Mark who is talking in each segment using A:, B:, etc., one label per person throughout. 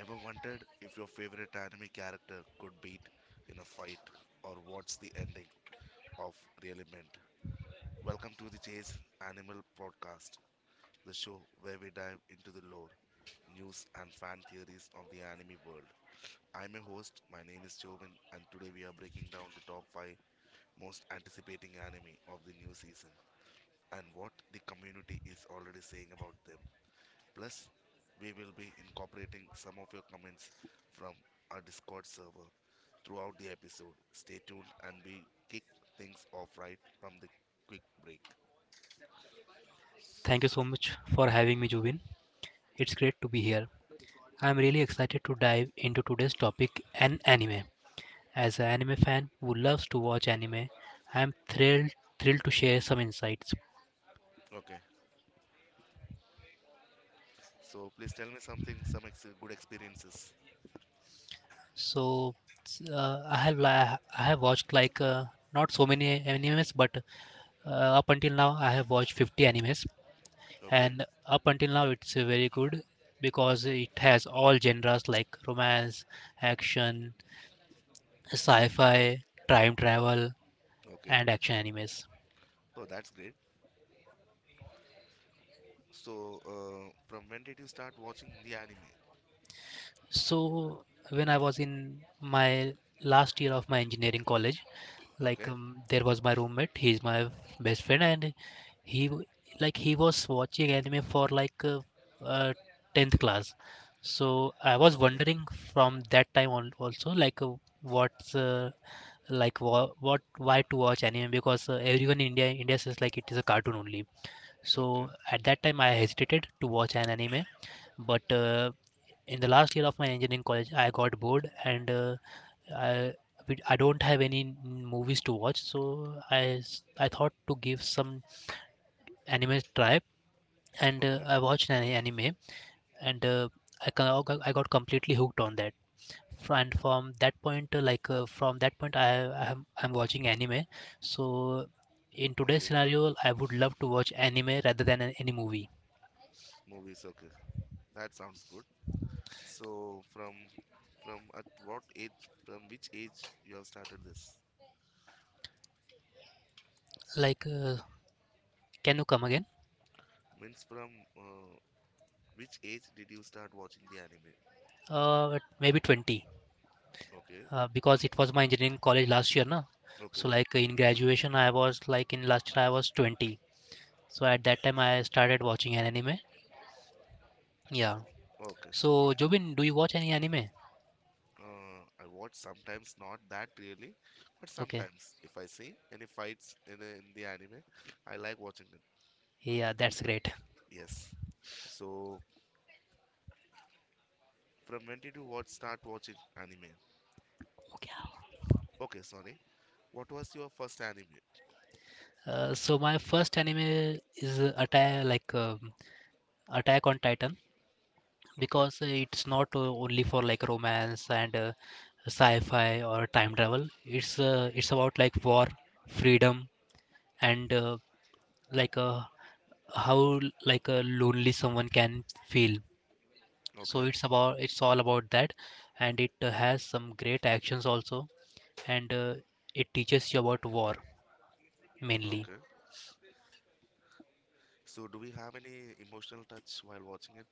A: Ever wondered if your favorite anime character could beat in a fight or what's the ending of really meant? Welcome to the Chase Animal Podcast, the show where we dive into the lore, news, and fan theories of the anime world. I'm your host, my name is Jovan, and today we are breaking down the top 5 most anticipating anime of the new season and what the community is already saying about them. Plus, we will be incorporating some of your comments from our Discord server throughout the episode. Stay tuned and we kick things off right from the quick break.
B: Thank you
A: So,
B: so much for having me, Juvin. It's great to be here. I'm really excited to dive into today's topic and anime. As an anime fan who loves to watch anime, I'm thrilled to share some insights.
A: okay. So, please tell me something, good experiences.
B: So, I have I have watched not so many animes, but up until now I have watched 50 animes,
A: Okay.
B: and up until now it's very good because it has all genres like romance, action, sci-fi, time travel
A: Okay.
B: and action animes.
A: Oh, that's great. So, from when did you start watching the anime?
B: So when I was in my last year of my engineering college,
A: Okay.
B: there was my roommate. He's my best friend, and he w- like he was watching anime for uh, 10th class. So I was
A: Okay.
B: wondering from that time on also what's like what why to watch anime because everyone in India says like it is a cartoon only.
A: Okay.
B: So at that time I hesitated to watch an anime, but in the last year of my engineering college I got bored and i I don't have any movies to watch, so I thought to give some anime try and
A: Okay.
B: I watched an anime and I got completely hooked on that, and from that point from that point I am I'm watching anime. So in today's
A: Okay.
B: scenario I would love to watch anime rather than any movie.
A: Movies. Okay. That sounds good. So, from at what age from which age you have started this
B: like uh, can you come again?
A: means from uh, which age did you start watching the anime?
B: Uh, maybe 20.
A: Okay.
B: Uh, because it was my engineering college last year na. So
A: Okay.
B: like in graduation I was like in last year I was 20. So at that time I started watching an anime. Yeah.
A: Okay.
B: So
A: Fine.
B: Jobin, do you watch any anime?
A: I watch sometimes, not that really, but
B: Okay.
A: sometimes if I see any fights in, in the anime I like watching it.
B: Yeah, that's great.
A: Yes. So from when did you watch start watching anime?
B: Okay.
A: Okay, sorry, what was your first anime?
B: So my first anime is attack Attack on Titan,
A: Okay.
B: because it's not only for like romance and sci-fi or time travel. It's it's about like war, freedom, and like uh, how like a lonely someone can feel. So
A: Okay.
B: it's about, it's all about that. And it has some great actions also, and it teaches you about war, mainly.
A: Okay. So do we have any emotional touch while watching it?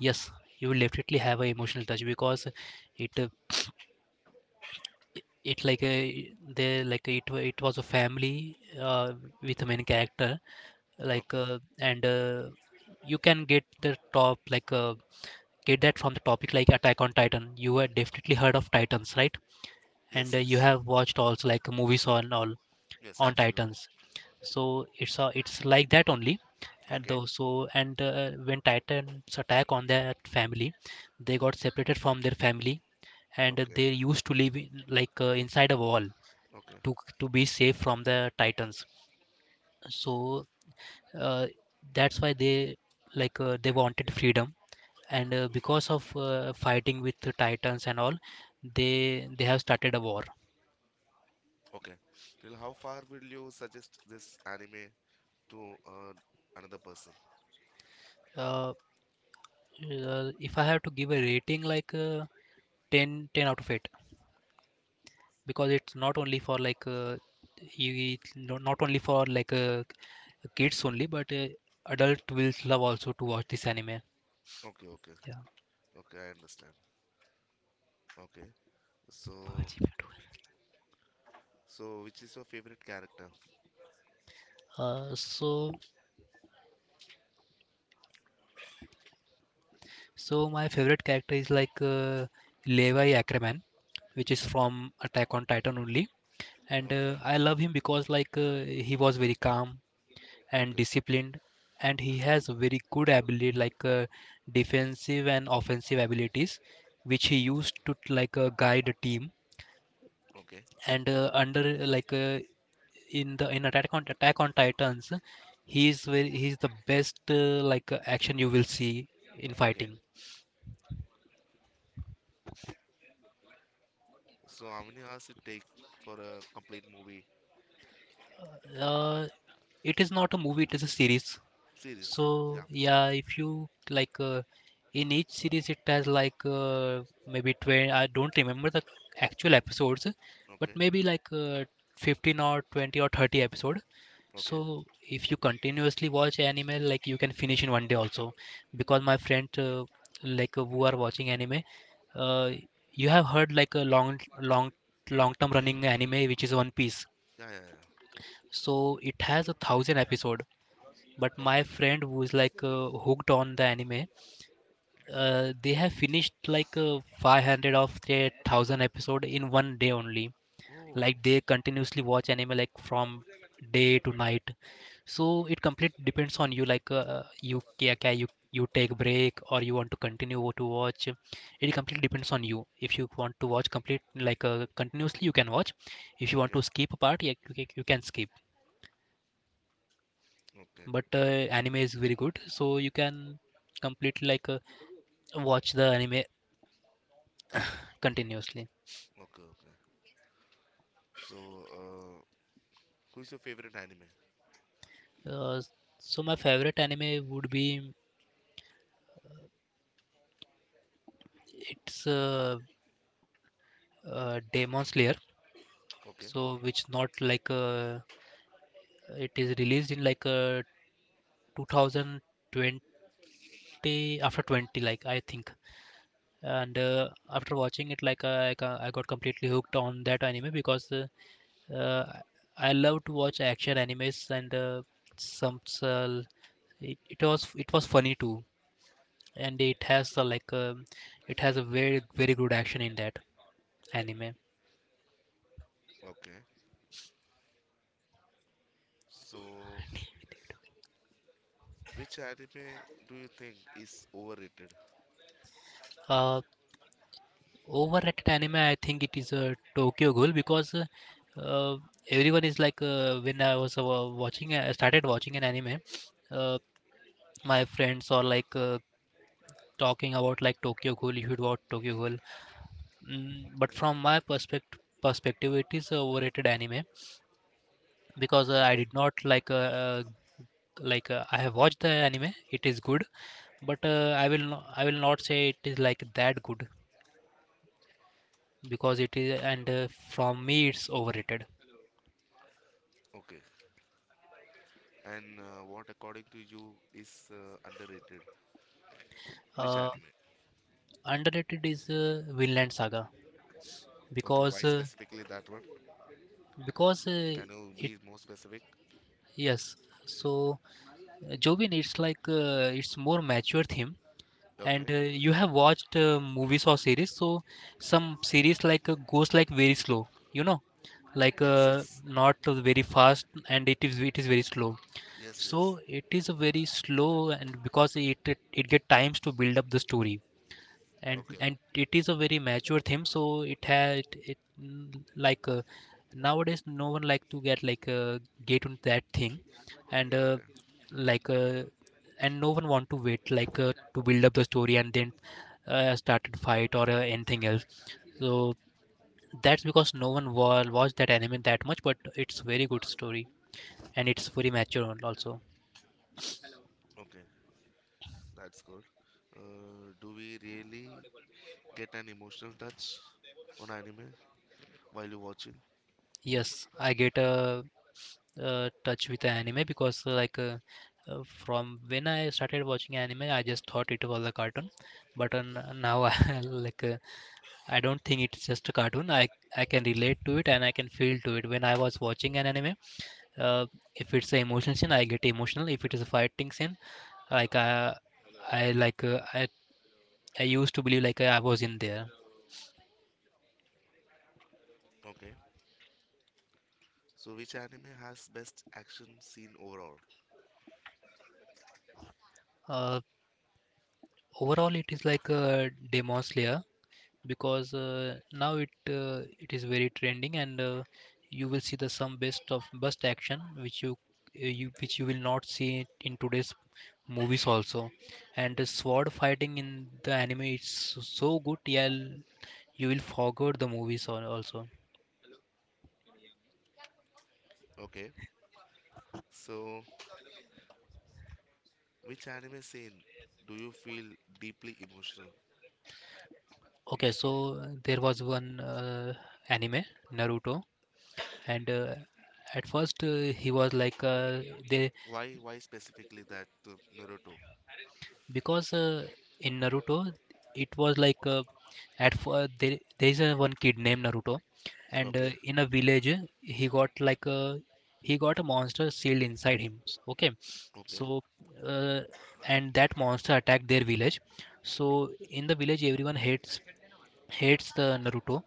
B: Yes, you will definitely have an emotional touch because it uh, it like a, they like it it was a family with a main character, like
A: Okay.
B: and you can get the top get that from the topic. Like Attack on Titan, you had definitely heard of Titans, right? And
A: Yes,
B: you
A: yes.
B: have watched also like movies on all,
A: Yes,
B: on
A: absolutely.
B: Titans. So it's like that only. And
A: Okay,
B: though so, and when Titans attack on that family, they got separated from their family and
A: okay,
B: they used to live in, inside a wall
A: okay,
B: to be safe from the Titans. So uh, that's why they, they wanted freedom, and because of fighting with the Titans and all, they have started a war.
A: okay. Till how far will you suggest this anime to another person?
B: Uh, if I have to give a rating, 10, ten out of 8, because it's not only for not only for kids only, but adult will love also to watch this anime.
A: Okay, okay,
B: Yeah.
A: okay, I understand. Okay, so, so which is your favorite character?
B: Uh, so so my favorite character is Levi Ackerman, which is from Attack on Titan only, and
A: Okay,
B: I love him because he was very calm and
A: okay,
B: disciplined, and he has very good ability defensive and offensive abilities which he used to guide a team,
A: okay,
B: and under like in the in attack on Attack on Titans, he is very, he's the best action you will see in
A: okay.
B: fighting.
A: So, how many hours it take for a complete movie
B: Uh, it is not a movie, it is a series.
A: series?
B: So
A: Yeah,
B: yeah, if you in each series it has maybe 20, I don't remember the actual episodes, but
A: okay,
B: maybe 15 or 20 or 30 episode. So
A: okay,
B: if you continuously watch anime, like you can finish in 1 day also, because my friend who are watching anime, uh, you have heard like a long, long term running anime, which is One Piece.
A: yeah, yeah, yeah,
B: So it has a thousand episode, but my
A: okay.
B: friend, who's hooked on the anime, they have finished 500 of their 1000 episode in 1 day only.
A: Oh,
B: Like they continuously watch anime like from day to night. So it completely depends on you, you you you take break or you want to continue to watch. It completely depends on you. If you want to watch complete continuously, you can watch. If you want
A: okay,
B: to skip a part, yeah, you you can skip.
A: okay,
B: But anime is very good, so you can completely watch the anime continuously.
A: okay, okay. So, uh, who's your favorite anime?
B: Uh, so my favorite anime would be, it's Demon Slayer.
A: Okay.
B: So which Not it is released in 2020, after 20 like I think. And after watching it, I got completely hooked on that anime because uh, I love to watch action animes and some s- uh, it was funny too, and it has a, it has a very good action in that anime.
A: Okay. So, which anime do you think is overrated?
B: uh Overrated anime, I think it is a tokyo Ghoul, because uh, everyone is when I was watching, I started watching an anime, uh, my friends are talking about like Tokyo Ghoul, you should watch Tokyo Ghoul. Mm, but from my perspective it is a overrated anime because I
A: Okay.
B: did not uh, I have watched the anime. It is good, but I will no, I will not say it is like that good, because it is. And from me it's overrated.
A: Okay. And what, according to you, is underrated? Which
B: Uh,
A: anime?
B: underrated is Vinland Saga,
A: Okay. Why
B: because uh,
A: specifically that one?
B: because
A: Can you
B: it
A: be more specific?
B: yes. So Jovin, it's it's more mature theme.
A: Okay.
B: And you have watched movies or series, so some series goes like very slow, you know,
A: Yes. Yes.
B: not very fast, and it is very slow.
A: Yes. Yes.
B: So it is a very slow, and because it get times to build up the story, and
A: Okay.
B: and it is a very mature theme. So it had it mm, nowadays no one like to get get on that thing. And
A: Okay.
B: like uh, and no one want to wait to build up the story, and then started fight or anything else. So that's because no one wa watched that anime that much, but it's very good story and it's very mature also.
A: Okay. That's good. Do we really get an emotional touch on anime while you're watching?
B: Yes, I get a, touch with the anime because from when I started watching anime, I just thought it was a cartoon, but now I I don't think it's just a cartoon. I can relate to it and I can feel to it. When I was watching an anime, uh, if it's an emotional scene, I get emotional. If it is a fighting scene, like I I like uh, I I used to believe like I was in there.
A: Okay. So, which anime has best action scene overall?
B: Uh, overall, it is like a Demon Slayer, because now it is very trending, and you will see the some best of best action which you which you will not see in today's movies also. And the sword fighting in the anime, it's so good. Yeah, you will forget the movies also.
A: Okay. So, which anime scene do you feel deeply emotional?
B: Okay, so there was one anime Naruto, and at first he was like they
A: Why specifically that Naruto?
B: because in Naruto it was there there is a one kid named Naruto, and
A: Okay,
B: in a village he got like a, he got a monster sealed inside him okay.
A: okay,
B: So uh, and that monster attacked their village. So in the village everyone hates the Naruto,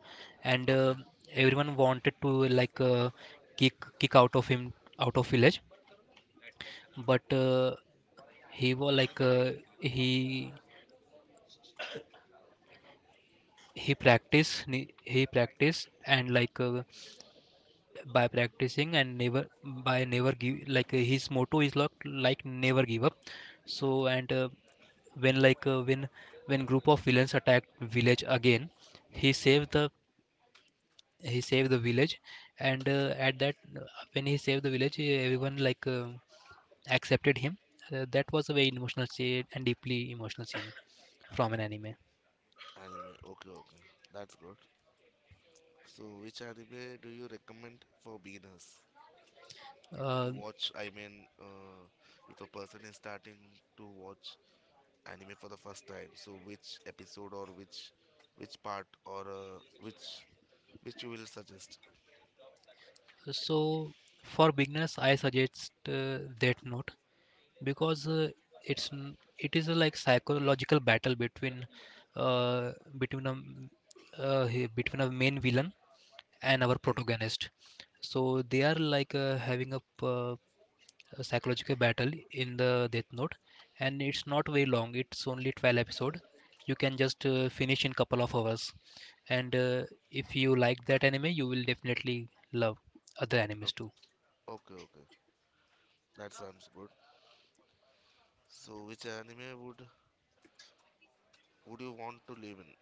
B: and
A: okay.
B: everyone wanted to like uh, kick out of him, out of village. But he was he he he practice, and by practicing and never, by never give his motto is like never give up. So and when group of villains attacked village again, he saved the, he saved the village. And at that, when he saved the village, eh, everyone accepted him. Uh, that was a very emotional scene and deeply emotional scene from an anime.
A: Anime. Okay, okay. That's good. So which anime do you recommend for beginners to
B: uh,
A: watch? I mean, if a person is starting to watch anime for the first time, so which episode or which part or which you will suggest?
B: so for beginners, I suggest that note, because it is a like psychological battle between uh, between a m- between a main villain and our
A: Okay.
B: protagonist. So they are having a psychological battle in the Death Note, and it's not very long, it's only 12 episode. You can just finish in couple of hours. And If you like that anime, you will definitely love other
A: o-
B: animes too.
A: Okay, okay. That sounds good. So, which anime would you want to live in?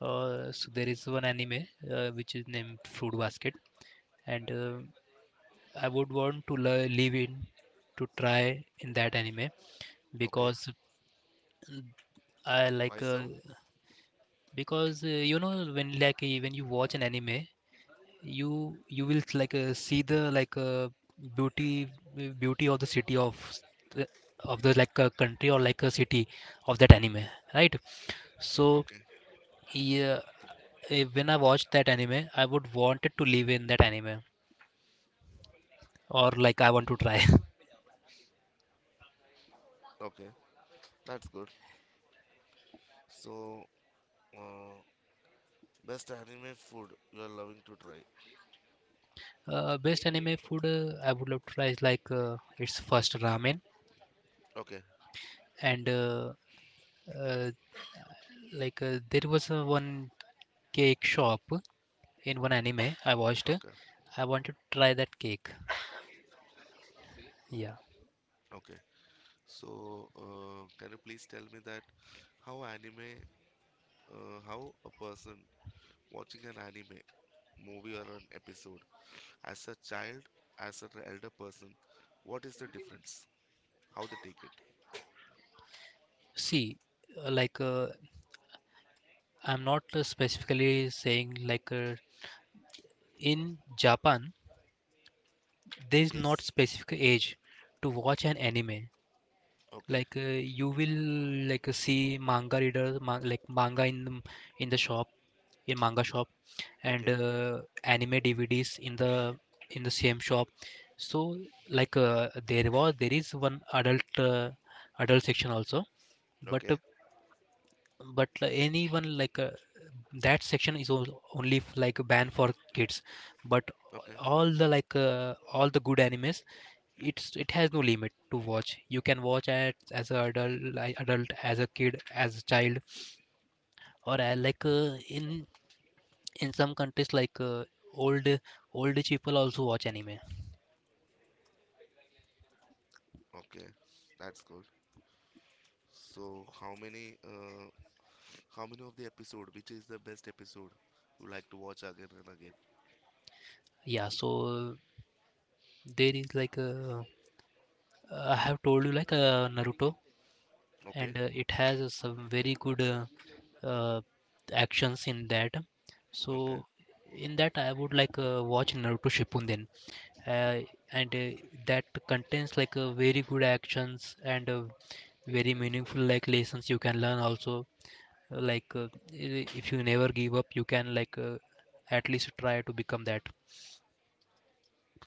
B: So there is one anime which is named Fruit Basket, and I would want to live in, to try in that anime
A: Okay,
B: because I like
A: why so?
B: because you know when like when you watch an anime, you will see the beauty beauty of the city of the- of the like a country or like a city of that anime, right? So
A: Okay,
B: yeah, when I watched that anime, I would wanted to live in that anime, or like I want to try.
A: okay, that's good. So, uh, best anime food you are loving to try.
B: Best anime food I would love to try is it's first ramen.
A: Okay,
B: And uh, like There was a one cake shop in one anime I watched.
A: okay,
B: I wanted to try that cake. Yeah.
A: okay. So, can you please tell me that how anime, how a person watching an anime movie or an episode as a child, as an elder person, what is the difference? How they take it?
B: See, uh, like uh, I'm not specifically saying in Japan there is not
A: Yes.
B: specific age to watch an anime.
A: Okay.
B: Like uh, you will see manga readers, ma like manga in in the shop, in manga shop, and
A: Okay.
B: anime DVDs in the same shop. So there is one adult uh, adult section also, but uh,
A: Okay.
B: but anyone that section is only like banned for kids, but
A: Okay.
B: all the all the good animes, it has no limit to watch. You can watch it as a adult, like adult, as a kid, as a child, or in some countries old old people also watch anime.
A: Okay. That's good. So how many of the episode? Which is the best episode you like to watch again and again?
B: Yeah, so there is I have told you Naruto,
A: Okay,
B: and it has some very good uh, actions in that. So
A: okay,
B: in that I would watch Naruto Shippuden, uh, and that contains very good actions and very meaningful like lessons you can learn also. I- if you never give up, you can at least try to become that.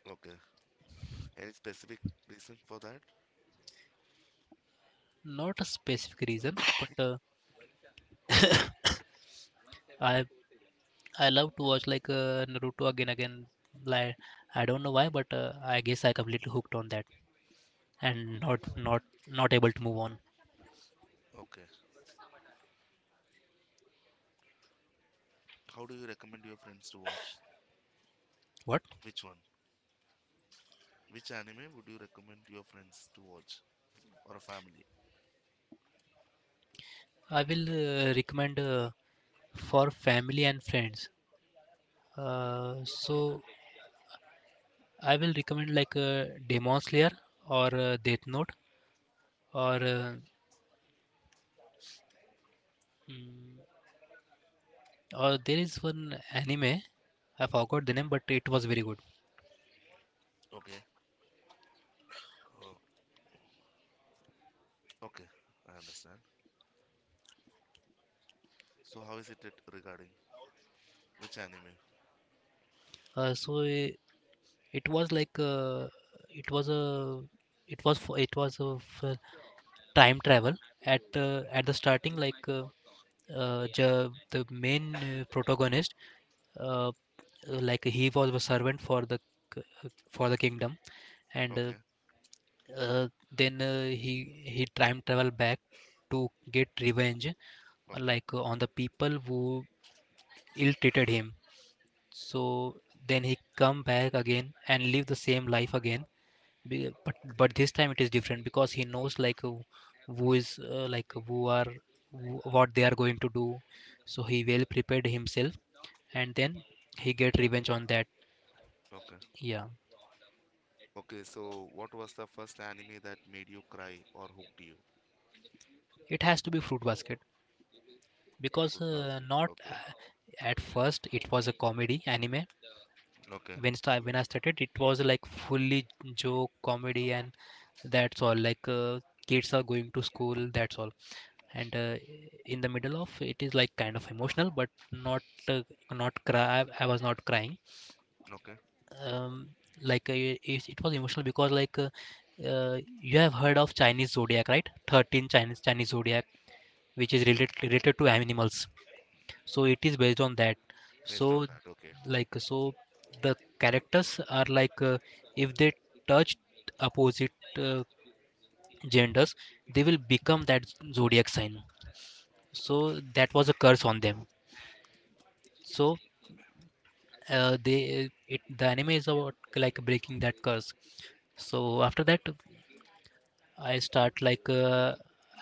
A: okay. Any specific reason for that?
B: Not a specific reason, but i I love to watch Naruto again again. Like, I don't know why, but I guess I completely hooked on that and not able to move on.
A: Okay. How do you recommend your friends to watch?
B: What?
A: Which one? Which anime would you recommend your friends to watch or a family?
B: I will recommend for family and friends. So I will recommend Demon Slayer, or Death Note, or mm, or there is one anime I forgot the name, but it was very good.
A: Okay. Uh, okay. I understand. So how is it regarding which anime?
B: Uh, so i- it was it was a it was for, it was of time travel. At the starting the main protagonist, uh, like he was a servant for the k- for the kingdom, and
A: Okay.
B: uh, then he time travel back to get revenge,
A: Okay.
B: on the people who ill treated him. So then he come back again and live the same life again. But this time it is different because he knows who is like who are who, what they are going to do. So he well prepared himself, and then he get revenge on that.
A: Okay.
B: Yeah.
A: Okay. So what was the first anime that made you cry or hooked you?
B: It has to be Fruit Basket because
A: Fruit basket.
B: not
A: Okay.
B: at first it was a comedy anime.
A: Okay.
B: When I started, it was like fully joke comedy, and that's all. Kids are going to school, that's all. And In the middle of it is like kind of emotional, but not uh, not cry. I was not crying.
A: Okay,
B: um, like uh, it, it was emotional because you have heard of Chinese zodiac, right? 13 Chinese Chinese zodiac, which is related to animals. So it is based on that.
A: based on
B: so
A: that. Okay,
B: so the characters are if they touch opposite uh, genders, they will become that zodiac sign. So that was a curse on them. So they it, the anime is about like breaking that curse. So after that, I start like uh,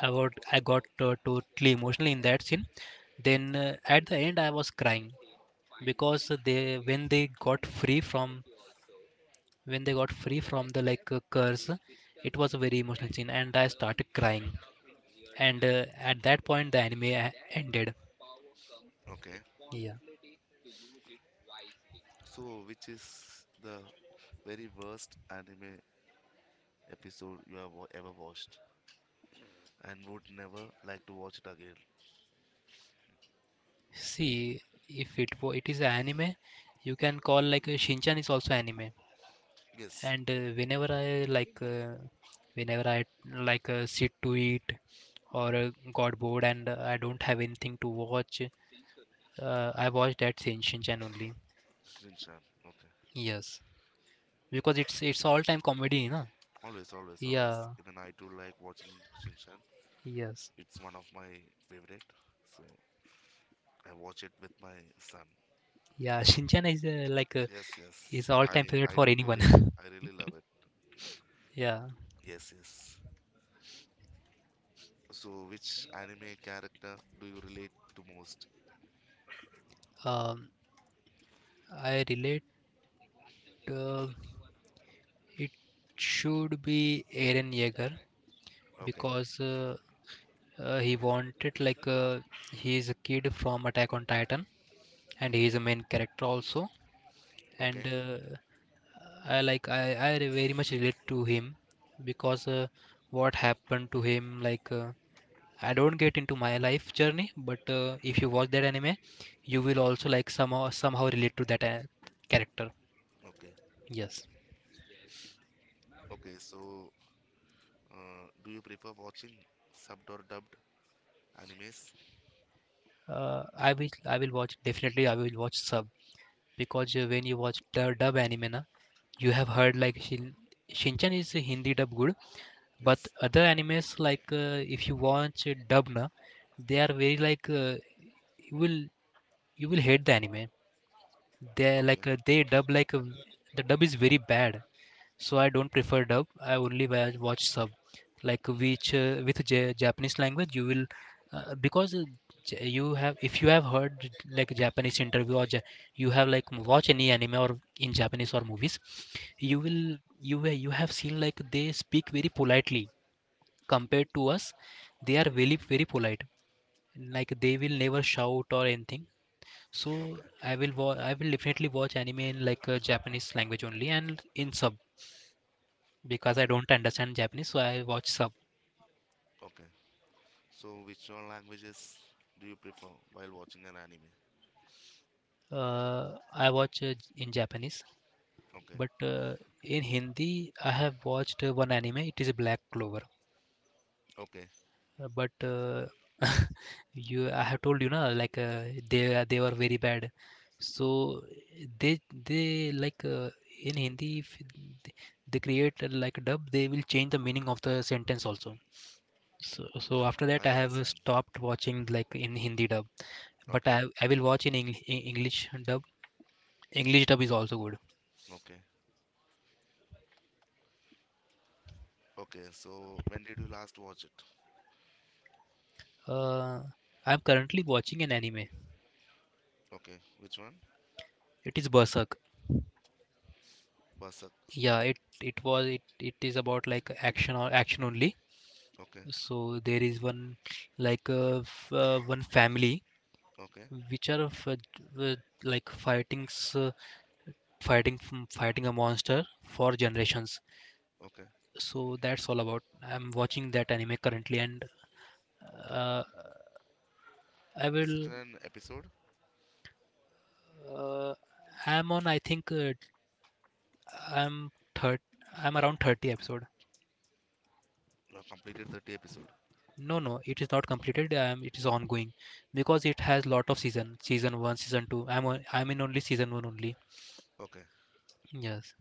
B: i got I got totally emotional in that scene. Then at the end I was crying, because they, when they got free from the curse, it was a very emotional scene and I started crying. And At that point, the anime ended.
A: okay.
B: Yeah.
A: So, which is the very worst anime episode you have ever watched and would never like to watch it again?
B: See, if it wa- it is an anime, you can call Shinchan is also anime.
A: Yes,
B: And Whenever I like uh, whenever i sit to eat, or got bored and I don't have anything to watch, I watch that Shinchan only.
A: Shinchan. Okay,
B: Yes, because it's all time comedy na.
A: always, always, always.
B: Yeah.
A: Even I too like watching Shinchan.
B: Yes.
A: It's one of my favorite. So I watch it with my son.
B: Yeah, Shinchan is
A: Yes, yes.
B: is all time favorite
A: I
B: for
A: too
B: anyone.
A: really I really love it.
B: Yeah.
A: Yes, yes. So, which anime character do you relate to most?
B: um, I relate. Uh, it should be Aaron Yeager
A: Okay,
B: because he wanted he is a kid from Attack on Titan, and he is a main character also. And
A: okay.
B: I like very much relate to him because what happened to him, like. I don't get into my life journey, but if you watch that anime, you will also like somehow relate to that character.
A: Okay.
B: Yes.
A: Okay, so do you prefer watching subbed or dubbed animes?
B: I will watch definitely. I will watch sub because when you watch the dub anime, na, you have heard like Shinchan is Hindi dub good, but
A: Yes.
B: other animes if you watch dub na, they are very you will you will hate the anime. They are
A: Okay.
B: they dub the dub is very bad. So I don't prefer dub. I only watch sub, like which with Japanese language you will, uh, because uh, you have, if you have heard like Japanese interview, or you have like watch any anime or in Japanese or movies, you
A: Okay.
B: will you have seen like they speak very politely compared to us. They are very very polite. Like they will never shout or anything. So
A: Okay.
B: I will I will definitely watch anime in Japanese language only, and in sub, because I
A: Okay.
B: don't understand Japanese, so I watch sub.
A: Okay. So which all languages do you prefer while watching an anime?
B: I watch in Japanese,
A: Okay.
B: but in Hindi, I have watched one anime. It is Black Clover.
A: Okay.
B: But I have told you now, they are- they were very bad. So they they like uh, in Hindi, if th- they create like a dub, they will change the meaning of the sentence also. So, so after that,
A: I
B: I have
A: understand.
B: stopped watching like in Hindi dub, but
A: Okay.
B: I will watch in in English dub. English dub is also good.
A: Okay. Okay. So when did you last watch it?
B: Uh, I'm currently watching an anime.
A: Okay. Which one?
B: It is Berserk.
A: Berserk.
B: Yeah, it was it it is about like action or action only.
A: Okay.
B: So there is one one family,
A: Okay.
B: which are f- uh, like fighting s- fighting from fighting a monster for generations.
A: Okay.
B: So that's all about. I'm watching that anime currently, and uh, I
A: Is it
B: will.
A: an episode?
B: Uh, I'm on, I think I'm third. I'm around 30 episode.
A: You have completed 30 episode.
B: No, no, it is not completed. It is ongoing because it has lot of season, season one, season two. I'm in only season one only.
A: Okay.
B: Yes.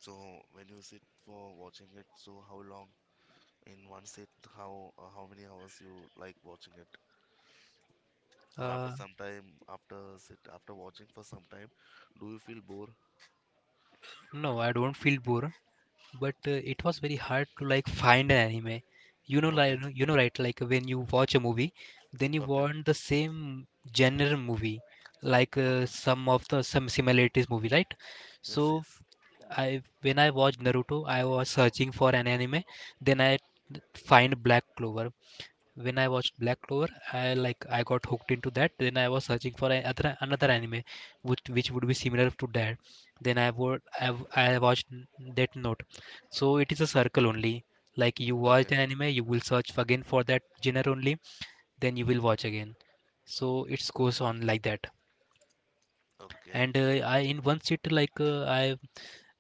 A: So when you sit for watching it, so how long in one sit how many hours you like watching it or after
B: Uh,
A: some time after sit after watching for some time do you feel bored?
B: no, I don't feel bored, but it was very hard to like find an anime. You know, like
A: Okay,
B: you know, right? Like when you watch a movie, then you
A: okay,
B: want the same genre movie,
A: okay,
B: some of the some similarities movie, right?
A: yes,
B: So
A: yes,
B: I when I watched Naruto, I was searching for an anime. Then I find Black Clover. When I watched Black Clover, I got hooked into that. Then I was searching for another anime, which would be similar to that. Then I would I, w- I watched Death Note. So it is a circle only. Like you
A: okay,
B: watch an anime, you will search again for that genre only. Then you will watch again. So it goes on like that.
A: okay,
B: And I in one sit like I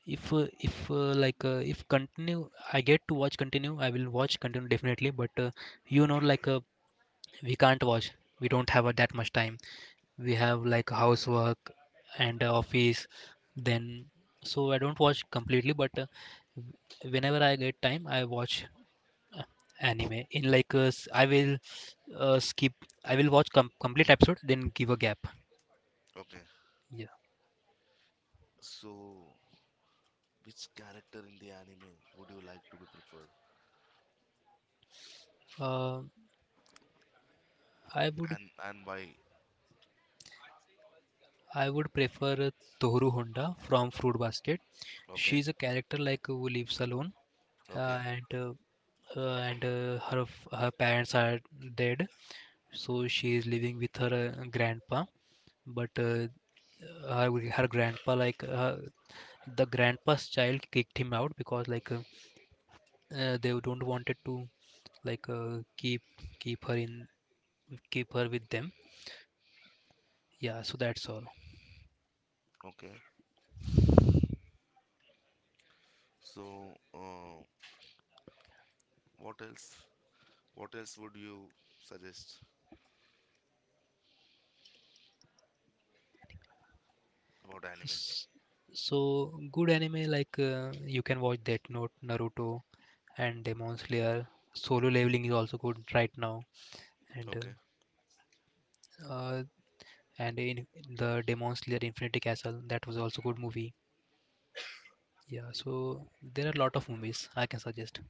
B: if continue I get to watch continue, I will watch continue definitely. But you know we can't watch, we don't have that much time. We have like housework, and office, then. So I don't watch completely, but whenever I get time I watch, uh, anime in I will skip. I will watch complete episode, then give a gap.
A: okay.
B: Yeah.
A: So which character in the anime would you like to be preferred,
B: uh, i would
A: and why?
B: I would prefer Tohru Honda from Fruit Basket.
A: Okay,
B: She's a character like who lives alone, uh,
A: okay,
B: and uh, and her her parents are dead, so she is living with her grandpa, but her grandpa the grandpa's child kicked him out because they don't wanted to like uh, keep keep her in keep her with them. Yeah, so that's all.
A: okay. So, uh, what else what else would you suggest about anime?
B: S- so good anime you can watch that note Naruto, and Demon Slayer. Solo Leveling is also good right now. And uh,
A: Okay,
B: uh, and in The Demon Slayer Infinity Castle, that was also good movie. Yeah, so there are a lot of movies I can suggest.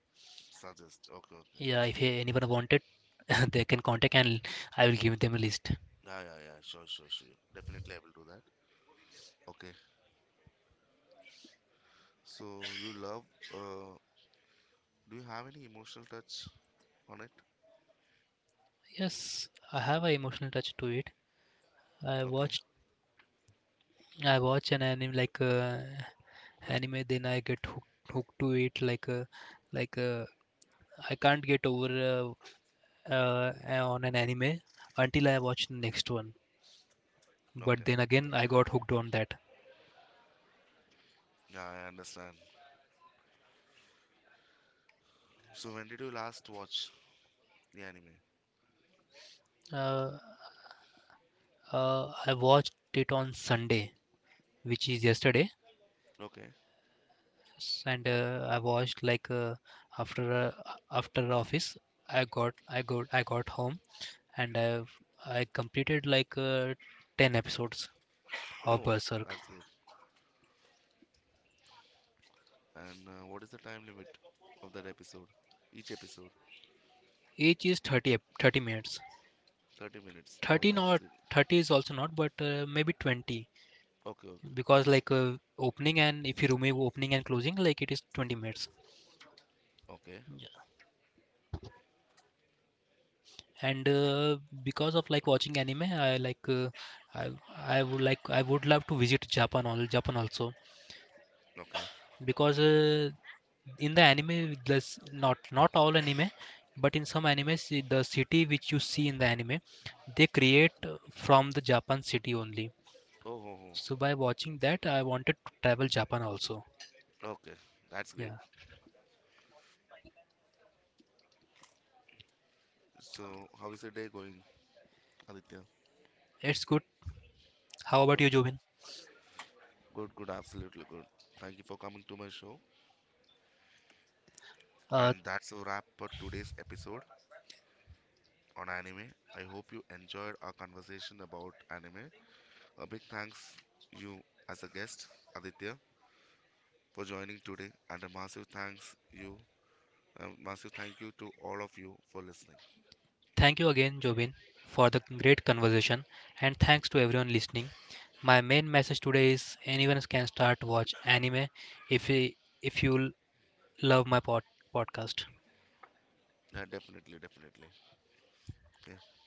A: suggest, okay, okay.
B: Yeah, if anyone wanted, they can contact, and I will give them a list.
A: Yeah, yeah, yeah, sure, sure, sure, definitely I will do that. Okay, so you love, uh, do you have any emotional touch on it?
B: Yes, I have an emotional touch to it. I
A: Okay,
B: watched, I watch an anime then I get hooked, hooked to it. Like, like uh, I can't get over uh, uh, on an anime until I watch the next one. But
A: okay.
B: then again, I got hooked on that.
A: Yeah, I understand. So when did you last watch the anime?
B: Uh, I watched it on Sunday, which is yesterday,
A: Okay.
B: and I watched after uh, after office, I got home, and I completed 10 episodes of
A: Oh,
B: Berserk.
A: that's great. And what is the time limit of that episode? Each episode,
B: Each is 30 minutes.
A: 30 minutes. Oh,
B: 30
A: that's
B: not,
A: good.
B: 30 is also not, but maybe 20,
A: Okay, okay,
B: because opening, and if you remove opening and closing, like it is 20 minutes.
A: okay,
B: And because of like watching anime, I I would like, I would love to visit Japan, all Japan also,
A: okay.
B: because in the anime, there's not all anime, but in some animes the city which you see in the anime, they create from the Japan city only.
A: Oh, oh,
B: So by watching that, I wanted to travel Japan also.
A: oh, okay. That's great.
B: Yeah.
A: So how is the day going, Aditya?
B: It's good. How about you,
A: Okay.
B: Jobin?
A: Good, good, absolutely good. Thank you for coming to my show.
B: uh,
A: And that's a wrap for today's episode on anime. I hope you enjoyed our conversation about anime. A big thanks you as a guest, Aditya, for joining today, and a massive thanks you, a massive thank you to all of you for listening.
B: Thank you again, Jobin, for the great conversation, and thanks to everyone listening. My main message today is anyone can start watch anime. if you if you love my podcast
A: Yeah, definitely, definitely. Okay.